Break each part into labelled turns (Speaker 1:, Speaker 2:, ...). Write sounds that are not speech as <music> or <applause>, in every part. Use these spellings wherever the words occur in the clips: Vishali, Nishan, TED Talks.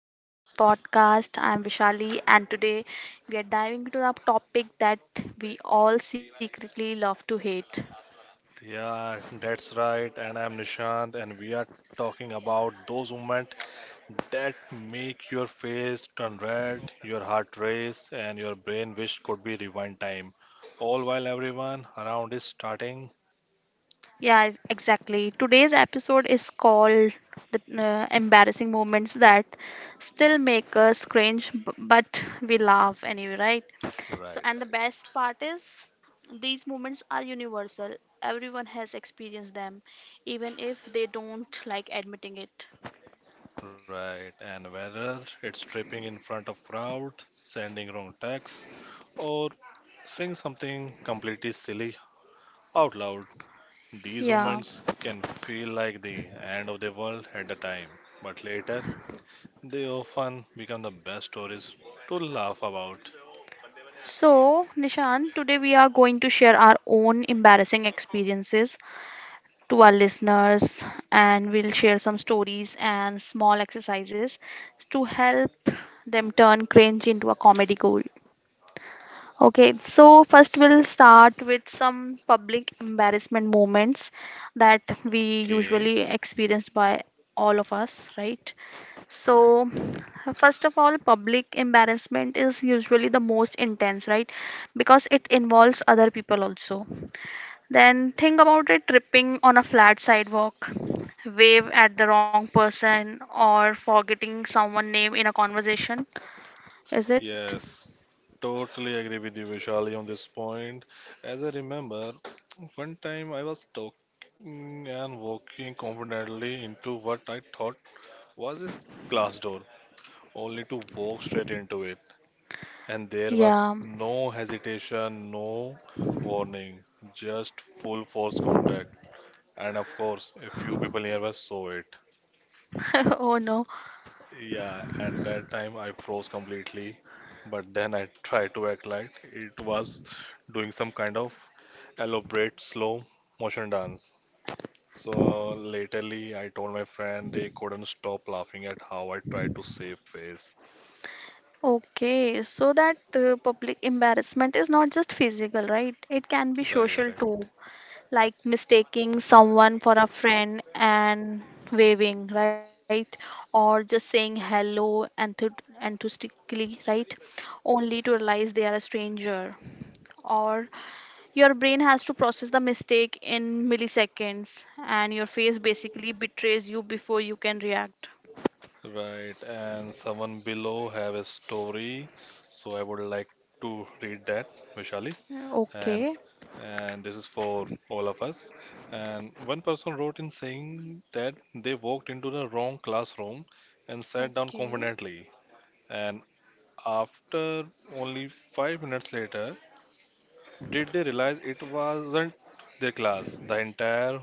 Speaker 1: welcome back to the podcast. I'm Vishali, and today we are diving into a topic that we all secretly love to hate.
Speaker 2: Yeah, that's right. And I'm Nishant, and we are talking about those moments that make your face turn red, your heart race, and your brain wish could be rewind time. All while everyone around is starting
Speaker 1: Yeah, exactly. Today's episode is called the embarrassing moments that still make us cringe, but we laugh anyway, right? So,
Speaker 2: right,
Speaker 1: and the
Speaker 2: right.
Speaker 1: best part is these moments are universal. Everyone has experienced them, even if they don't like admitting it.
Speaker 2: Right, and whether it's tripping in front of crowd, sending wrong texts, or saying something completely silly out loud, these
Speaker 1: Yeah.
Speaker 2: moments can feel like the end of the world at the time. But later, they often become the best stories to laugh about.
Speaker 1: So, Nishan, today we are going to share our own embarrassing experiences to our listeners, and we'll share some stories and small exercises to help them turn cringe into a comedy gold. Okay, so first we'll start with some public embarrassment moments that we
Speaker 2: Okay,
Speaker 1: usually experienced by all of us, right?
Speaker 2: right.
Speaker 1: So, first of all, public embarrassment is usually the most intense, right? Because it involves other people also. Then think about it, tripping on a flat sidewalk, wave at the wrong person, or forgetting someone's name in a conversation. Is it?
Speaker 2: Yes, totally agree with you, Vishali, on this point. As I remember, one time I was talking and walking confidently into what I thought was a glass door, only to walk straight into it. And there was
Speaker 1: Yeah.
Speaker 2: no hesitation, no warning, just full force contact. And of course, a few people nearby saw it.
Speaker 1: <laughs> Oh no.
Speaker 2: Yeah, and that time I froze completely. But then I tried to act like it was doing some kind of elaborate slow motion dance. So latterly, I told my friend they couldn't stop laughing at how I tried to save face.
Speaker 1: Okay, so that public embarrassment is not just physical, right? It can be
Speaker 2: Right,
Speaker 1: social
Speaker 2: right,
Speaker 1: too, like mistaking someone for a friend and waving, right? Or just saying hello enthusiastically, right? Only to realize they are a stranger. Or your brain has to process the mistake in milliseconds, and your face basically betrays you before you can react.
Speaker 2: right. And someone below have a story, so I would like to read that, Vishali. And
Speaker 1: Okay.
Speaker 2: and this is for all of us. And one person wrote in saying that they walked into the wrong classroom and sat down
Speaker 1: Okay.
Speaker 2: confidently. And after only 5 minutes later, did they realize it wasn't their class? The entire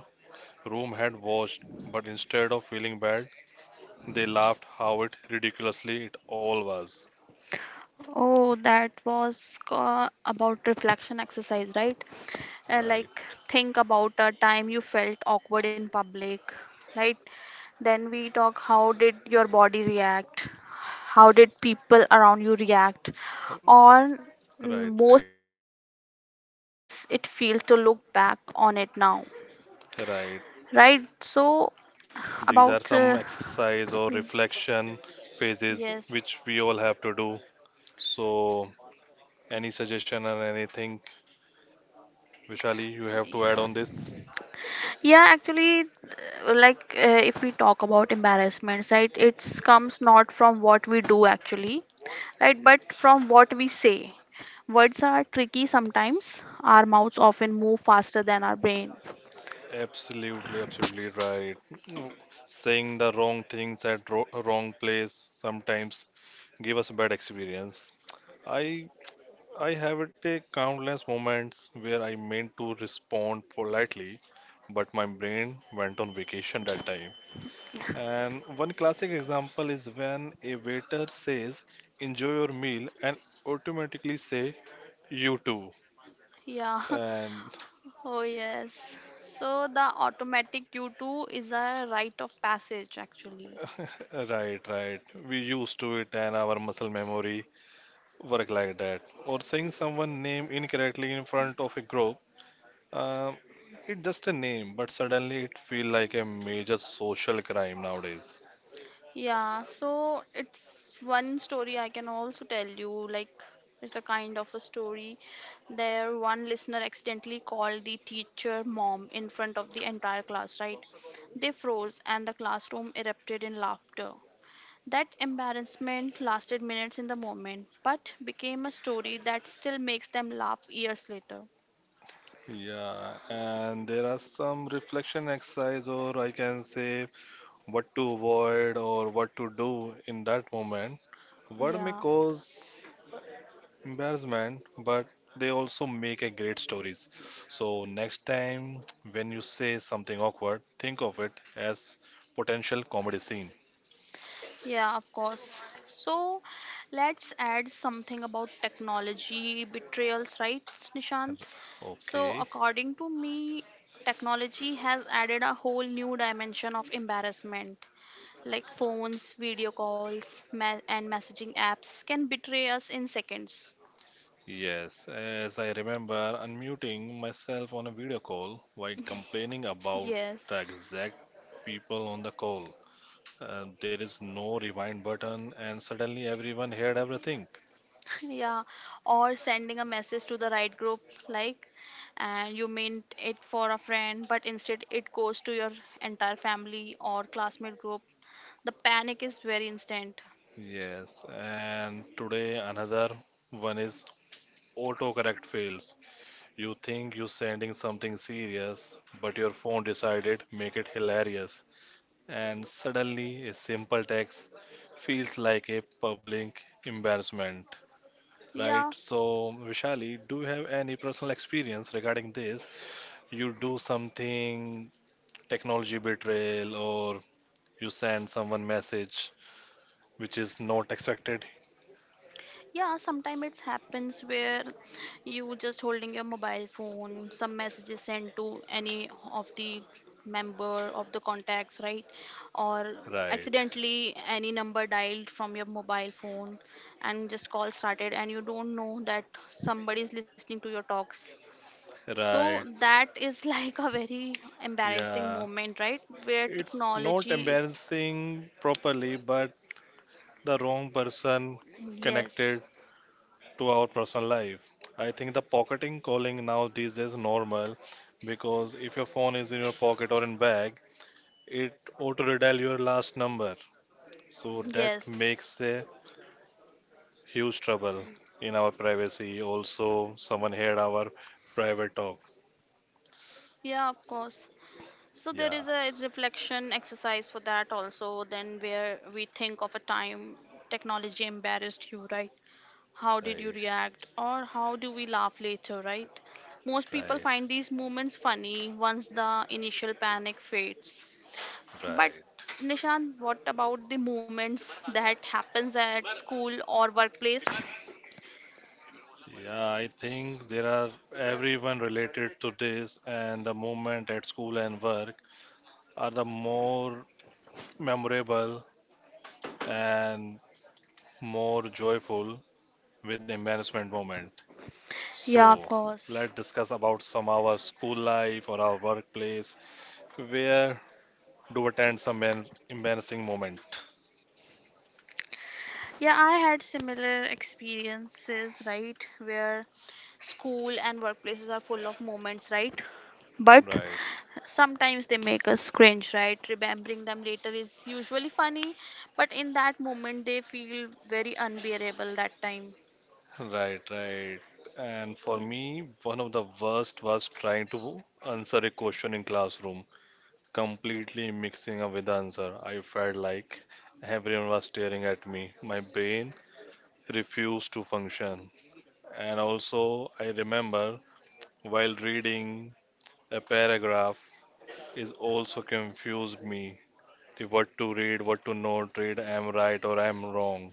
Speaker 2: room had watched, but instead of feeling bad, they laughed how it ridiculously it all was.
Speaker 1: Oh, that was about reflection exercise, right? Uh,
Speaker 2: Right,
Speaker 1: like think about a time you felt awkward in public, right? Then we talk, how did your body react? How did people around you react? Or
Speaker 2: right,
Speaker 1: most
Speaker 2: right,
Speaker 1: importantly, how does it feel to look back on it now?
Speaker 2: right.
Speaker 1: Right? So
Speaker 2: These are
Speaker 1: about
Speaker 2: some exercise or reflection phases
Speaker 1: yes.
Speaker 2: which we all have to do. So, any suggestion or anything, Vishali, you have to add on this?
Speaker 1: Yeah, actually, like if we talk about embarrassments, right, it comes not from what we do actually, right, but from what we say. Words are tricky sometimes. Our mouths often move faster than our brain.
Speaker 2: Absolutely, absolutely right. Mm, Saying the wrong things at wrong place sometimes give us a bad experience. I I have it a countless moments where I meant to respond politely, but my brain went on vacation that time. And one classic example is when a waiter says, enjoy your meal, and automatically say, you too.
Speaker 1: Yeah.
Speaker 2: And
Speaker 1: <laughs> Oh, yes. So the automatic U2 is a rite of passage actually.
Speaker 2: <laughs> right, right. We used to it and our muscle memory work like that. Or saying someone name incorrectly in front of a group. Um, it's just a name, but suddenly it feel like a major social crime nowadays.
Speaker 1: Yeah, so it's one story I can also tell you. Like, it's a kind of a story. There, one listener accidentally called the teacher mom in front of the entire class, right? They froze, and the classroom erupted in laughter. That embarrassment lasted minutes in the moment, but became a story that still makes them laugh years later.
Speaker 2: Yeah, and there are some reflection exercise, or I can say what to avoid or what to do in that moment. Word may
Speaker 1: Yeah.
Speaker 2: cause embarrassment, but they also make a great stories. So next time when you say something awkward, think of it as potential comedy scene.
Speaker 1: Yeah, of course. So let's add something about technology betrayals, right, Nishant? So,
Speaker 2: Okay,
Speaker 1: according to me, technology has added a whole new dimension of embarrassment. Like phones, video calls, and messaging apps can betray us in seconds.
Speaker 2: yes, as I remember unmuting myself on a video call while complaining about
Speaker 1: Yes.
Speaker 2: the exact people on the call. There is no rewind button, and suddenly everyone heard everything.
Speaker 1: Yeah, or sending a message to the right group, like, and you meant it for a friend, but instead it goes to your entire family or classmate group. The panic is very instant.
Speaker 2: Yes, and today another one is autocorrect fails. You think you're sending something serious, but your phone decided make it hilarious, and suddenly a simple text feels like a public embarrassment, right?
Speaker 1: Yeah.
Speaker 2: So, Vishali, do you have any personal experience regarding this? You do something technology betrayal, or you send someone message which is not expected,
Speaker 1: Yeah, sometimes it happens where you just holding your mobile phone, some messages sent to any of the member of the contacts, right? Or
Speaker 2: right?
Speaker 1: accidentally any number dialed from your mobile phone and just call started and you don't know that somebody is listening to your talks. So
Speaker 2: Right.
Speaker 1: that is <laughs> like a very embarrassing
Speaker 2: Yeah.
Speaker 1: moment, right? Where
Speaker 2: It's not
Speaker 1: technology,
Speaker 2: embarrassing properly, but the wrong person
Speaker 1: yes,
Speaker 2: connected to our personal life. I think the pocketing calling now these days normal because if your phone is in your pocket or in bag, it auto redial your last number. So that
Speaker 1: yes.
Speaker 2: makes a huge trouble in our privacy. Also, someone heard our private talk.
Speaker 1: Yeah, of course. So there is
Speaker 2: Yeah.
Speaker 1: a reflection exercise for that also, then where we think of a time technology embarrassed you, right? How did you
Speaker 2: Right,
Speaker 1: react? Or how do we laugh later, right? Most people
Speaker 2: right,
Speaker 1: find these moments funny once the initial panic fades. But
Speaker 2: right.
Speaker 1: Nishan, what about the moments that happens at school or workplace?
Speaker 2: Yeah, I think there are everyone related to this, and the moment at school and work are the more memorable and more joyful with embarrassment moment.
Speaker 1: Yeah, of
Speaker 2: So
Speaker 1: course.
Speaker 2: let's discuss about some our school life or our workplace where do attend some embarrassing moment.
Speaker 1: Yeah, I had similar experiences, right? Where school and workplaces are full of moments, right? But
Speaker 2: Right,
Speaker 1: sometimes they make us cringe, right? Remembering them later is usually funny, but in that moment they feel very unbearable that time.
Speaker 2: right, right. And for
Speaker 1: Yeah.
Speaker 2: me, one of the worst was trying to answer a question in classroom completely mixing up with the answer. I felt like everyone was staring at me. My brain refused to function. And also, I remember while reading a paragraph is also confused me the what to read, what to not read, am right or am wrong.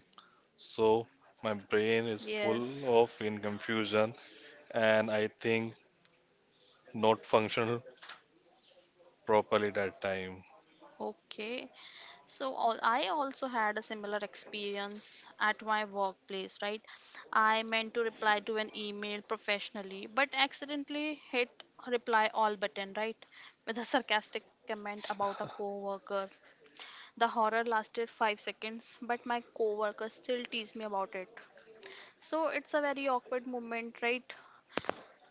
Speaker 2: So my brain is
Speaker 1: Yes.
Speaker 2: full of in confusion and I think not functional properly that time.
Speaker 1: Okay. So all I also had a similar experience at my workplace, right? I meant to reply to an email professionally, but accidentally hit reply all button, right? With a sarcastic comment about a coworker. The horror lasted 5 seconds, but my coworker still teased me about it. So it's a very awkward moment, right?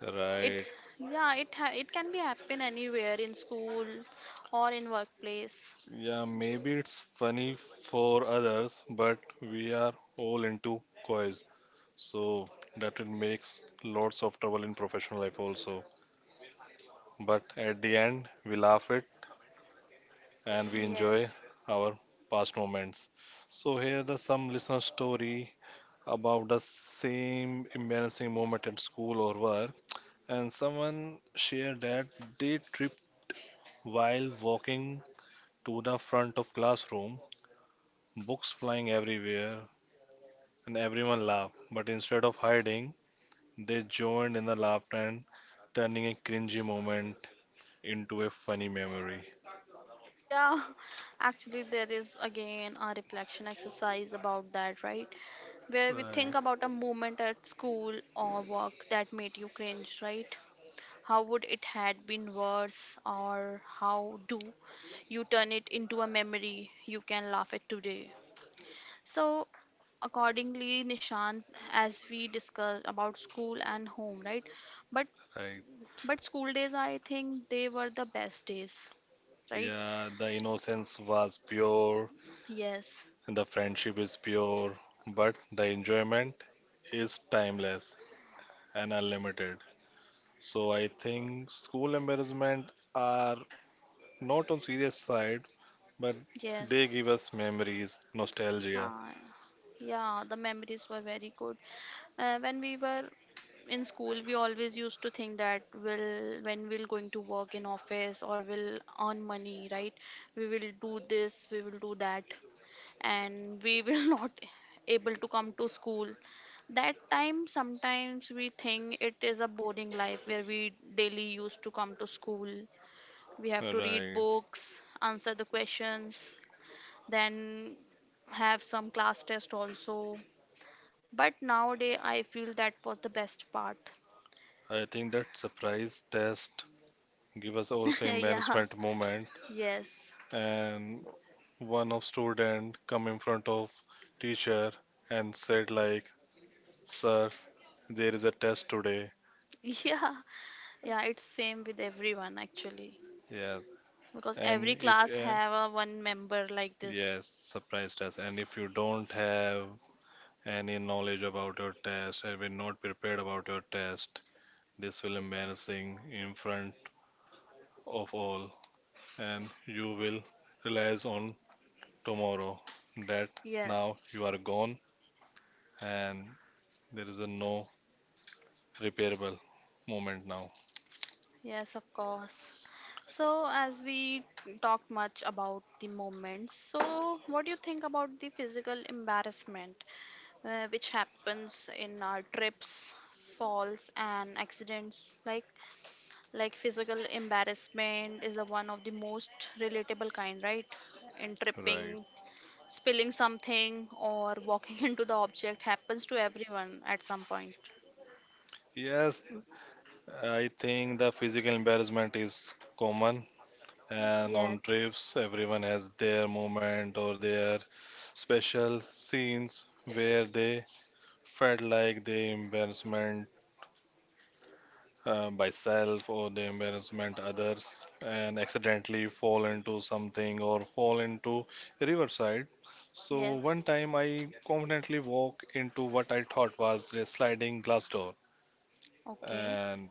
Speaker 2: Right.
Speaker 1: It yeah, it can be happen anywhere in school or in workplace.
Speaker 2: Yeah, maybe it's funny for others, but we are all into coys, so that it makes lots of trouble in professional life also. But at the end, we laugh it and we enjoy
Speaker 1: Yes.
Speaker 2: our past moments. So here the some listener story about the same embarrassing moment at school or work, and someone shared that they tripped while walking to the front of classroom, books flying everywhere, and everyone laughed. But instead of hiding, they joined in the laughter and turning a cringy moment into a funny memory.
Speaker 1: Yeah, <laughs> actually, there is again a reflection exercise about that, right? Where we
Speaker 2: Right,
Speaker 1: think about a moment at school or work that made you cringe, right? How would it had been worse, or how do you turn it into a memory you can laugh at today? So, accordingly, Nishant, as we discussed about school and home, right? But
Speaker 2: right.
Speaker 1: but school days, I think they were the best days, right?
Speaker 2: Yeah, the innocence was pure,
Speaker 1: Yes.
Speaker 2: and the friendship is pure, but the enjoyment is timeless and unlimited. So I think school embarrassment are not on serious side, but they
Speaker 1: Yes.
Speaker 2: give us memories, nostalgia.
Speaker 1: Uh, yeah, the memories were very good. When we were in school, we always used to think that when we'll going to work in office or we'll earn money, right? We will do this, we will do that, and we will <laughs> not able to come to school. That time, sometimes we think it is a boring life where we daily used to come to school. We have to read
Speaker 2: Right.
Speaker 1: books, answer the questions, then have some class test also, but nowadays I feel that was the best part.
Speaker 2: I think that surprise test give us also
Speaker 1: <laughs> Yeah.
Speaker 2: embarrassment moment
Speaker 1: Yes.
Speaker 2: and one of student come in front of teacher and said like sir there is a test today.
Speaker 1: <laughs> Yeah. Yeah, it's same with everyone actually,
Speaker 2: Yes,
Speaker 1: because
Speaker 2: and
Speaker 1: every
Speaker 2: if,
Speaker 1: class
Speaker 2: and
Speaker 1: have a one member like this.
Speaker 2: yes, surprise test and if you don't have any knowledge about your test have been not prepared about your test this will embarrassing in front of all and you will realize on tomorrow that now you
Speaker 1: Yes.
Speaker 2: are gone and there is a no repairable moment now.
Speaker 1: Yes, of course. So as we talked much about the moments, so what do you think about the physical embarrassment, which happens in our trips, falls and accidents? Like physical embarrassment is the one of the most relatable kind, right? In tripping,
Speaker 2: Right.
Speaker 1: spilling something or walking <laughs> into the object happens to everyone at some point.
Speaker 2: Yes, I think the physical embarrassment is common, and on
Speaker 1: Yes.
Speaker 2: trips, everyone has their moment or their special scenes where they felt like they embarrassment by self or they embarrassment others and accidentally fall into something or fall into a riverside. So
Speaker 1: Yes.
Speaker 2: one time I confidently walked into what I thought was a sliding glass door
Speaker 1: Okay.
Speaker 2: and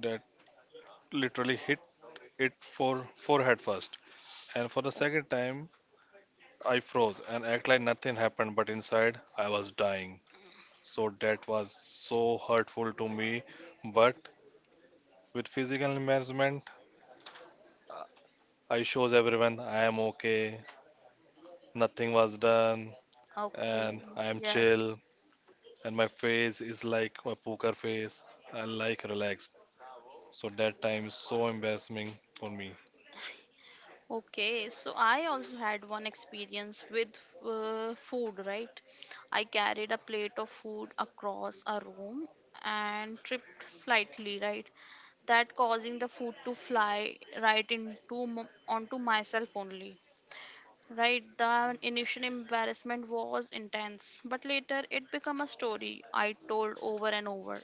Speaker 2: that literally hit it for forehead first. And for the
Speaker 1: O-
Speaker 2: second time, I froze and act like nothing happened, but inside I was dying. So that was so hurtful to me. But with physical embarrassment, I shows everyone I am okay, nothing was done, and
Speaker 1: okay.
Speaker 2: I am
Speaker 1: Yes.
Speaker 2: chill, and my face is like a poker face, I like relaxed. So that time is so embarrassing for me.
Speaker 1: Okay, so I also had one experience with food, right? I carried a plate of food across a room and tripped slightly, right? That causing the food to fly right into onto myself only. Right, the initial embarrassment was intense, but later it became a story I told over and over.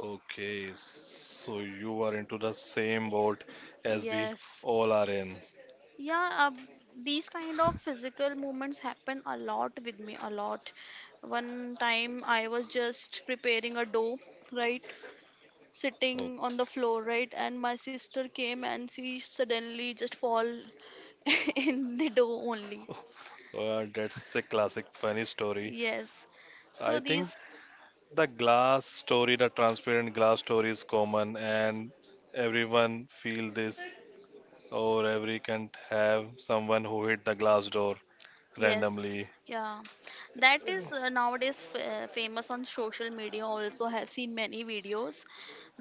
Speaker 2: Okay, so you are into the same boat as we
Speaker 1: Yes.
Speaker 2: all are in.
Speaker 1: Yeah, these kind of physical movements happen a lot with me, a lot. One time I was just preparing a dough, right?
Speaker 2: Okay.
Speaker 1: Sitting on the floor, right? And my sister came and she suddenly just fall <laughs> in the dough only.
Speaker 2: Oh, <laughs> well,
Speaker 1: S-
Speaker 2: that's a classic funny story.
Speaker 1: Yes. So
Speaker 2: I think
Speaker 1: these,
Speaker 2: the glass story, the transparent glass story is common and everyone feel this or every can have someone who hit the glass door
Speaker 1: yes,
Speaker 2: randomly.
Speaker 1: yeah. That is nowadays f famous on social media. Also have seen many videos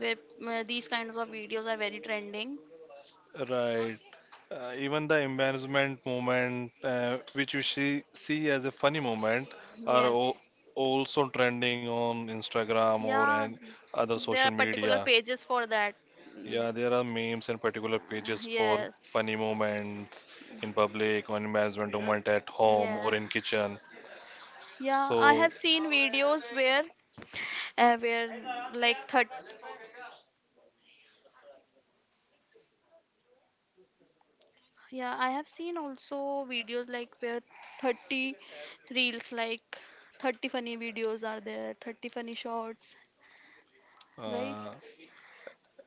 Speaker 1: where these kinds of videos are very trending.
Speaker 2: Right. Even the embarrassment moment, which see as a funny moment, are
Speaker 1: Yes.
Speaker 2: also trending on Instagram or
Speaker 1: Yeah,
Speaker 2: and other
Speaker 1: there
Speaker 2: social
Speaker 1: are particular
Speaker 2: media.
Speaker 1: pages for that. Mm.
Speaker 2: Yeah, there are memes and particular pages for
Speaker 1: Yes.
Speaker 2: funny moments in public or embarrassment moment at home
Speaker 1: Yeah.
Speaker 2: or in kitchen.
Speaker 1: Yeah, I
Speaker 2: So,
Speaker 1: have seen videos where uh, where like 30 Yeah, I have seen also videos like where 30 reels, like 30 funny videos are there, 30 funny shorts, right?
Speaker 2: uh,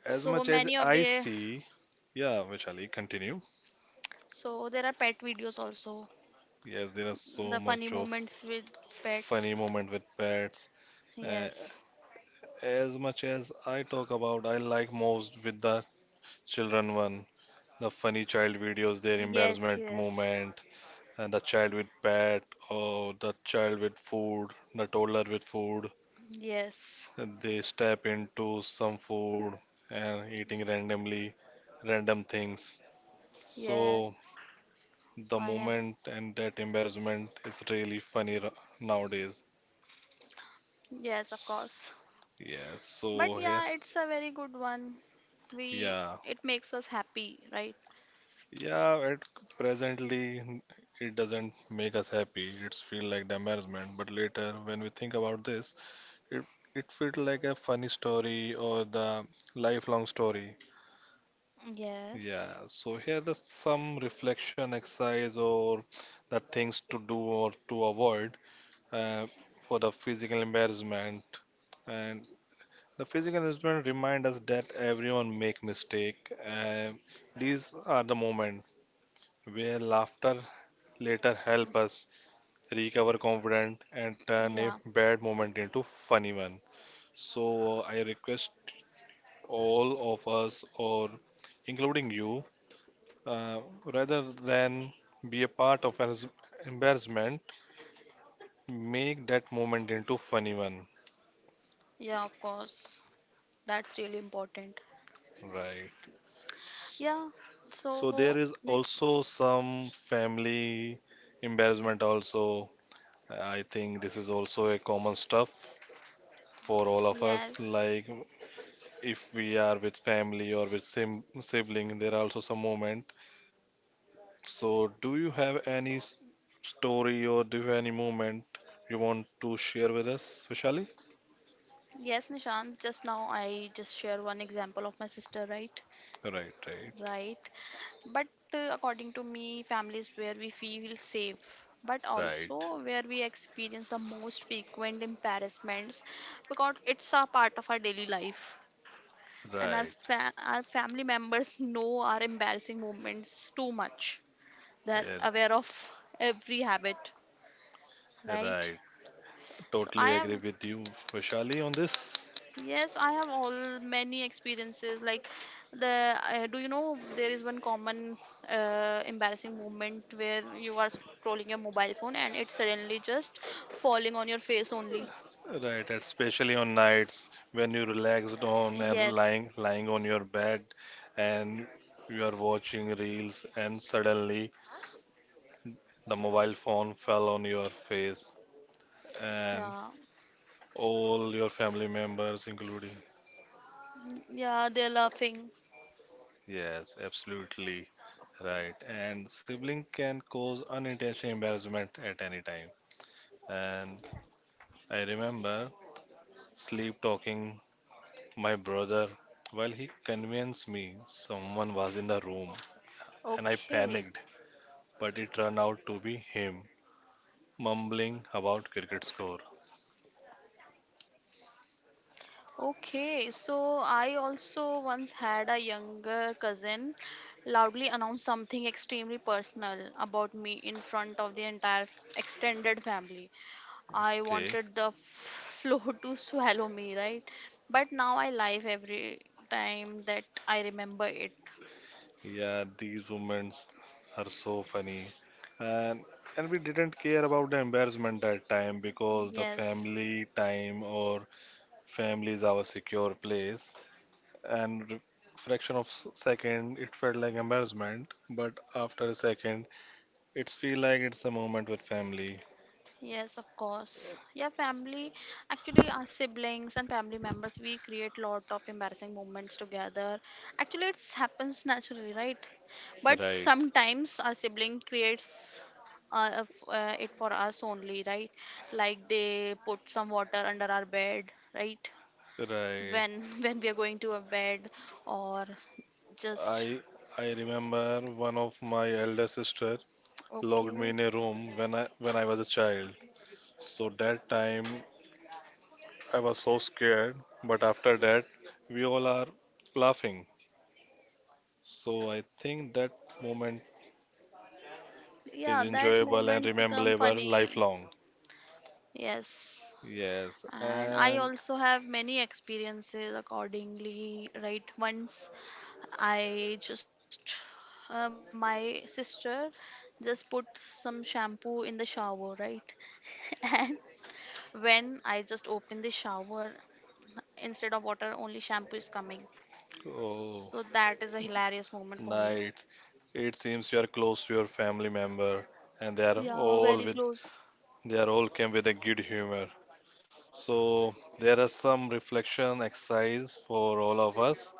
Speaker 2: as
Speaker 1: So
Speaker 2: much as
Speaker 1: many of
Speaker 2: I
Speaker 1: the,
Speaker 2: see, yeah, Vishali, continue.
Speaker 1: so there are pet videos also.
Speaker 2: Yes, there are so
Speaker 1: The funny
Speaker 2: much of
Speaker 1: moments with
Speaker 2: funny
Speaker 1: pets.
Speaker 2: moment with pets. Uh,
Speaker 1: Yes.
Speaker 2: As much as I talk about, I like most with the children one. The funny child videos, their
Speaker 1: Yes,
Speaker 2: embarrassment
Speaker 1: yes.
Speaker 2: moment, and the child with pet, or the child with food, the toddler with food.
Speaker 1: Yes.
Speaker 2: They step into some food and eating randomly, random things. So
Speaker 1: Yes,
Speaker 2: the
Speaker 1: I have.
Speaker 2: moment and that embarrassment is really funny nowadays.
Speaker 1: Yes, of
Speaker 2: S-
Speaker 1: course.
Speaker 2: Yes,
Speaker 1: But
Speaker 2: so here,
Speaker 1: yeah, it's a very good one. We,
Speaker 2: yeah.
Speaker 1: it makes us happy, right?
Speaker 2: Yeah, at presently it doesn't make us happy. It's feel like embarrassment. But later, when we think about this, it it felt like a funny story or the lifelong story. Yeah.
Speaker 1: Yes.
Speaker 2: So here there's some reflection exercise or the things to do or to avoid uh, for the physical embarrassment. And the physical embarrassment remind us that everyone make mistake. And these are the moment where laughter later help us recover confidence and turn a
Speaker 1: Yeah.
Speaker 2: bad moment into funny one. So I request all of us, or including you, uh, rather than be a part of an embarrassment, make that moment into funny one.
Speaker 1: Yeah, of course. That's really important.
Speaker 2: Right. So,
Speaker 1: Yeah.
Speaker 2: so
Speaker 1: So
Speaker 2: there is
Speaker 1: n-
Speaker 2: also some family embarrassment also. I think this is also a common stuff for all of
Speaker 1: yes.
Speaker 2: us. Like if we are with family or with sibling, there are also some moment. So, do you have any story or do you have any moment you want to share with us, Vishali?
Speaker 1: Yes, Nishant, just now I just share one example of my sister, right?
Speaker 2: Right, right,
Speaker 1: Right. But according to me, families where we feel safe, but
Speaker 2: right,
Speaker 1: also where we experience the most frequent embarrassments because it's a part of our daily life. And our,
Speaker 2: right,
Speaker 1: our family members know our embarrassing moments too much. They're
Speaker 2: eh,
Speaker 1: aware of every habit, right?
Speaker 2: right.
Speaker 1: So I
Speaker 2: Totally
Speaker 1: have,
Speaker 2: agree with you, Vishali, on this.
Speaker 1: yes, I have all many experiences. Like the do you know there is one common embarrassing moment where you are scrolling your mobile phone and it's suddenly just falling on your face only.
Speaker 2: Right, especially on nights when you relaxed on
Speaker 1: Yes,
Speaker 2: and lying on your bed and you are watching reels and suddenly the mobile phone fell on your face and
Speaker 1: yeah.
Speaker 2: all your family members including.
Speaker 1: Mm, yeah, they're laughing.
Speaker 2: Yes, absolutely right. And sibling can cause unintentional embarrassment at any time. And I remember sleep talking my brother while he convinced me someone was in the room and I
Speaker 1: Okay.
Speaker 2: panicked, but it turned out to be him mumbling about cricket score.
Speaker 1: Okay, so I also once had a younger cousin loudly announce something extremely personal about me in front of the entire extended family. I
Speaker 2: Okay.
Speaker 1: wanted the floor <laughs> to swallow me, right? But now I laugh every time that I remember it.
Speaker 2: Yeah, these women are so funny. And and we didn't care about the embarrassment that time because the
Speaker 1: Yes,
Speaker 2: family time or family is our secure place. And fraction of second, it felt like embarrassment, but after a second, it's feel like it's a moment with family.
Speaker 1: yes, of course. Yeah, family, actually, our siblings and family members, we create lot of embarrassing moments together. Actually, it happens naturally, right? But
Speaker 2: Right,
Speaker 1: sometimes our sibling creates it for us only, right? Like they put some water under our bed, right?
Speaker 2: right.
Speaker 1: When <laughs> when we are going to a bed or just
Speaker 2: I I remember one of my elder sister locked me in
Speaker 1: okay.
Speaker 2: a room when I was a child. So that time I was so scared, but after that, we all are laughing. So I think that moment is
Speaker 1: Yeah, that
Speaker 2: enjoyable and
Speaker 1: moments become
Speaker 2: rememberable
Speaker 1: funny.
Speaker 2: lifelong.
Speaker 1: Yes.
Speaker 2: Yes,
Speaker 1: And I
Speaker 2: and
Speaker 1: also have many experiences accordingly, right? Once I just, my sister just put some shampoo in the shower, right? <laughs> And when I just open the shower, instead of water only shampoo is coming. So
Speaker 2: oh,
Speaker 1: that is a hilarious moment for me.
Speaker 2: night. It seems you are close to your family member, and
Speaker 1: Yeah, very close.
Speaker 2: they are all came with a good humor. So there are some reflection exercise for all of us,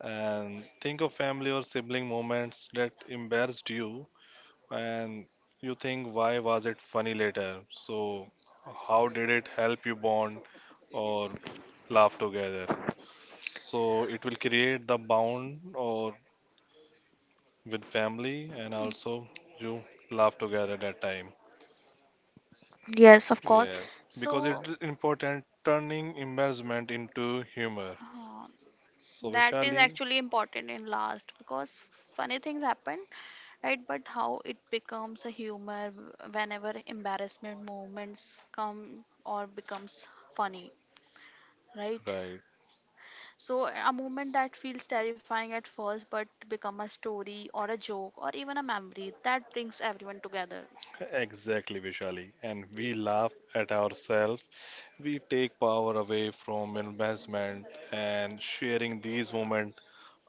Speaker 2: and think of family or sibling moments that embarrassed you and you think why was it funny later? So how did it help you bond or laugh together? So it will create the bond or with family and also you laugh together that time.
Speaker 1: Yes, of course.
Speaker 2: Yeah, because it
Speaker 1: So
Speaker 2: is important turning embarrassment into humor.
Speaker 1: uh,
Speaker 2: So
Speaker 1: that is
Speaker 2: Vishali,
Speaker 1: actually important in last because funny things happen, right? But how it becomes a humor whenever embarrassment moments come or becomes funny, right?
Speaker 2: right,
Speaker 1: So a moment that feels terrifying at first but become a story or a joke or even a memory that brings everyone together.
Speaker 2: exactly Vishali. And we laugh at ourselves. We take power away from embarrassment and sharing these moments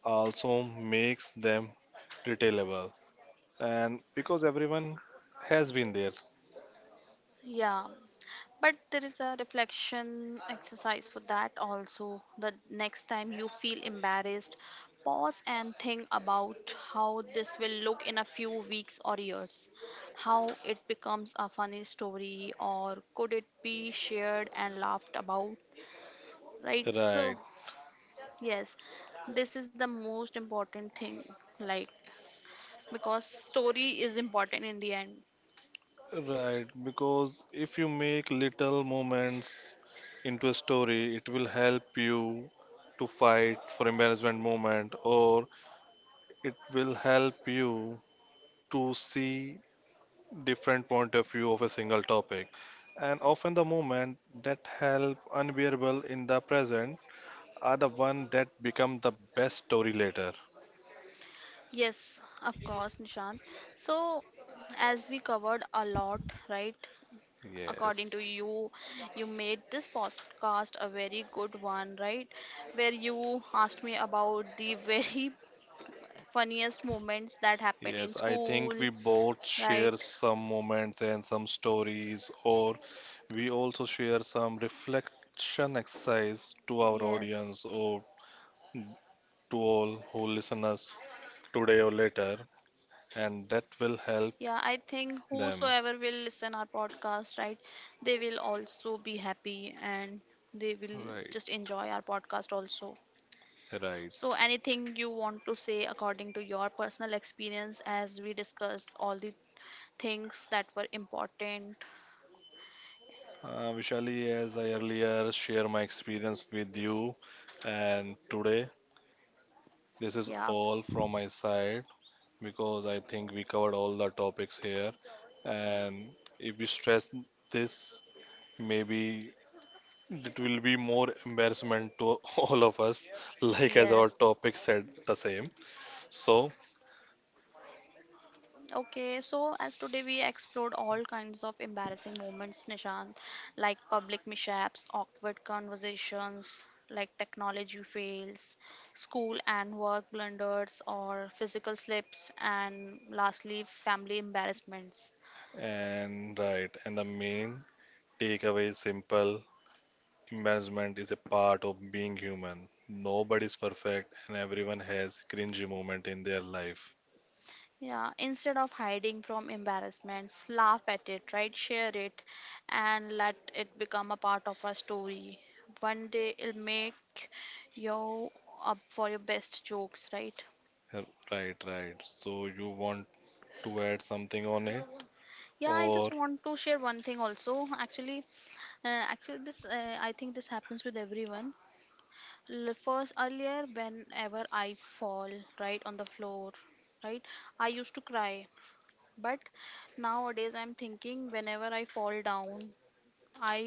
Speaker 2: also makes them retailable and because everyone has been there.
Speaker 1: Yeah. But there is a reflection exercise for that also. The next time you feel embarrassed, pause and think about how this will look in a few weeks or years. How it becomes a funny story, or could it be shared and laughed about? Right?
Speaker 2: Right,
Speaker 1: So, yes, this is the most important thing. Like, because story is important in the end.
Speaker 2: right, because if you make little moments into a story, it will help you to fight for embarrassment moment, or it will help you to see different point of view of a single topic, and often the moment that help unbearable in the present are the one that become the best story later.
Speaker 1: Yes, of course, Nishant. So, as we covered a lot, right? According to
Speaker 2: Yes.
Speaker 1: you, you made this podcast a very good one, right? Where you asked me about the very <laughs> funniest moments that happened in
Speaker 2: Yes, I
Speaker 1: school,
Speaker 2: think we both
Speaker 1: right?
Speaker 2: share some moments and some stories, or we also share some reflection exercise to our
Speaker 1: Yes.
Speaker 2: audience or to all who listen us today or later, and that
Speaker 1: Yeah,
Speaker 2: will
Speaker 1: I
Speaker 2: help
Speaker 1: think whosoever will
Speaker 2: them.
Speaker 1: listen our podcast, right, they will also be happy and they will just
Speaker 2: Right,
Speaker 1: enjoy our podcast also. So,
Speaker 2: right.
Speaker 1: anything you want to say according to your personal experience as we discussed all the things that were important?
Speaker 2: Vishali, as I earlier share my experience with you, and today this is
Speaker 1: Yeah,
Speaker 2: all from my side because I think we covered all the topics here, and if we stress this, maybe it will be more embarrassment to <laughs> all of us, like as our
Speaker 1: yes.
Speaker 2: topic said the same. So,
Speaker 1: Okay, so as today we explored all kinds of embarrassing moments, Nishant, like public mishaps, awkward conversations, like technology fails, school and work blunders, or physical slips, and lastly, family embarrassments.
Speaker 2: and right, and the main takeaway is simple. Embarrassment is a part of being human. Nobody's perfect, and everyone has cringy moment in their life.
Speaker 1: Yeah, instead of hiding from embarrassments, laugh at it, right? Share it and let it become a part of our story. One day it'll make you up for your best jokes, right?
Speaker 2: Uh, Right, right. So you want to add something on it,
Speaker 1: Yeah, I
Speaker 2: or
Speaker 1: just want to share one thing also. Actually, actually this I think this happens with everyone. First, earlier whenever I fall right on the floor, right? I used to cry. But nowadays I'm thinking whenever I fall down I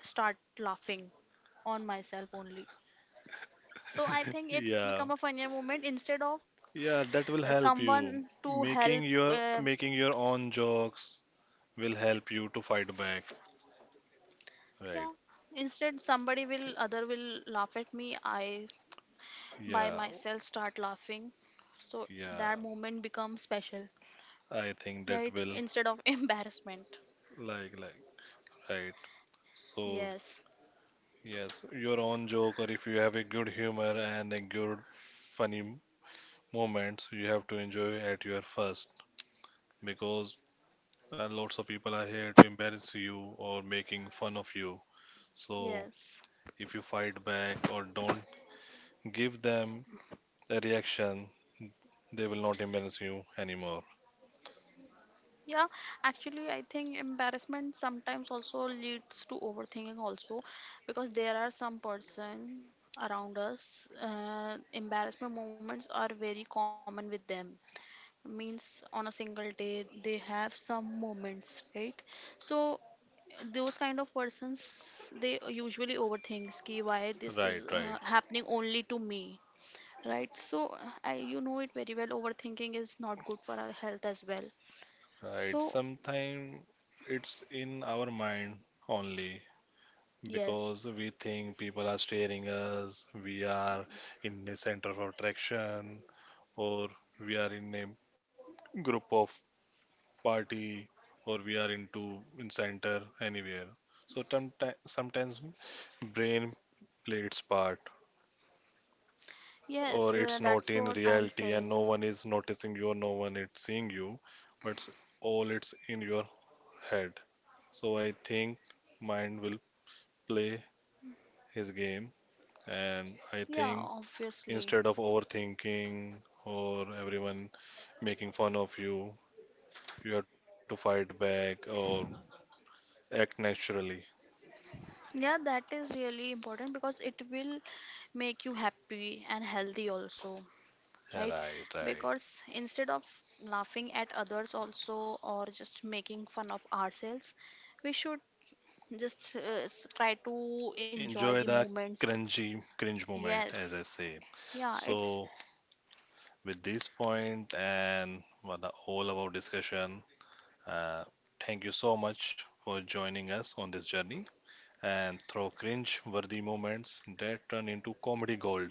Speaker 1: start laughing on myself only. So I think it's
Speaker 2: yeah,
Speaker 1: become a funnier moment instead of
Speaker 2: yeah, that will help
Speaker 1: someone
Speaker 2: you.
Speaker 1: to help.
Speaker 2: Making your making your own jokes will help you to fight back.
Speaker 1: Yeah,
Speaker 2: Right.
Speaker 1: instead somebody will other will laugh at me. I by
Speaker 2: Yeah.
Speaker 1: myself start laughing. So that
Speaker 2: Yeah.
Speaker 1: moment becomes special,
Speaker 2: I think
Speaker 1: right?
Speaker 2: that will
Speaker 1: Instead of <laughs> embarrassment.
Speaker 2: like right. So
Speaker 1: Yes,
Speaker 2: yes, your own joke or if you have a good humor and a good funny moments, you have to enjoy at your first because lots of people are here to embarrass you or making fun of you. So
Speaker 1: yes.
Speaker 2: if you fight back or don't give them a reaction, they will not embarrass you anymore.
Speaker 1: Yeah, actually, I think embarrassment sometimes also leads to overthinking also because there are some person around us, embarrassment moments are very common with them. Means on a single day they have some moments, right? So those kind of persons they usually overthinks ki why this is
Speaker 2: Right, right,
Speaker 1: happening only to me, right? So I you know it very well. Overthinking is not good for our health as well.
Speaker 2: right.
Speaker 1: So
Speaker 2: Sometimes it's in our mind only
Speaker 1: yes.
Speaker 2: because we think people are staring us, we are in the center of attraction, or we are in a group of party, or we are into in center anywhere. So sometimes brain play its part,
Speaker 1: Yes,
Speaker 2: or it's
Speaker 1: that's
Speaker 2: not in
Speaker 1: what I'm
Speaker 2: reality and
Speaker 1: saying.
Speaker 2: no one is noticing you, or no one is seeing you, but all it's in your head. So I think mind will play his game, and
Speaker 1: Yeah,
Speaker 2: I think
Speaker 1: obviously.
Speaker 2: instead of overthinking or everyone making fun of you, you have to fight back or act naturally.
Speaker 1: Yeah, that is really important because it will make you happy and healthy also, right?
Speaker 2: Right, right.
Speaker 1: Because instead of laughing at others also or just making fun of ourselves, we should just try to enjoy the
Speaker 2: Enjoy the
Speaker 1: moments.
Speaker 2: cringy cringe moment,
Speaker 1: Yes.
Speaker 2: as I say.
Speaker 1: Yeah, it's,
Speaker 2: So, with this point and what the all about discussion, uh, thank you so much for joining us on this journey and through cringe-worthy moments that turn into comedy gold.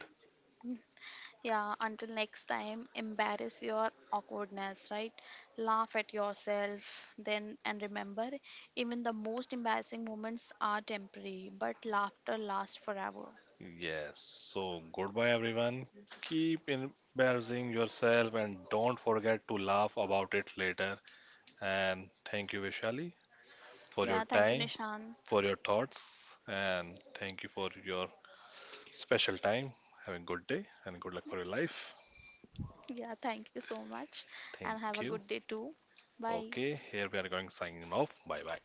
Speaker 1: yeah, until next time, embarrass your awkwardness, right? Laugh at yourself then, and remember, even the most embarrassing moments are temporary, but laughter lasts forever.
Speaker 2: Yes, so goodbye everyone. Keep embarrassing yourself and don't forget to laugh about it later. And thank you, Vishali, for
Speaker 1: Yeah,
Speaker 2: your
Speaker 1: thank you,
Speaker 2: time,
Speaker 1: Nishan.
Speaker 2: for your thoughts, and thank you for your special time. Have a good day and good luck for your life.
Speaker 1: Yeah, thank you so much, and have a
Speaker 2: Thank
Speaker 1: good
Speaker 2: you.
Speaker 1: day too. Bye.
Speaker 2: Okay, here we are going signing off. Bye bye.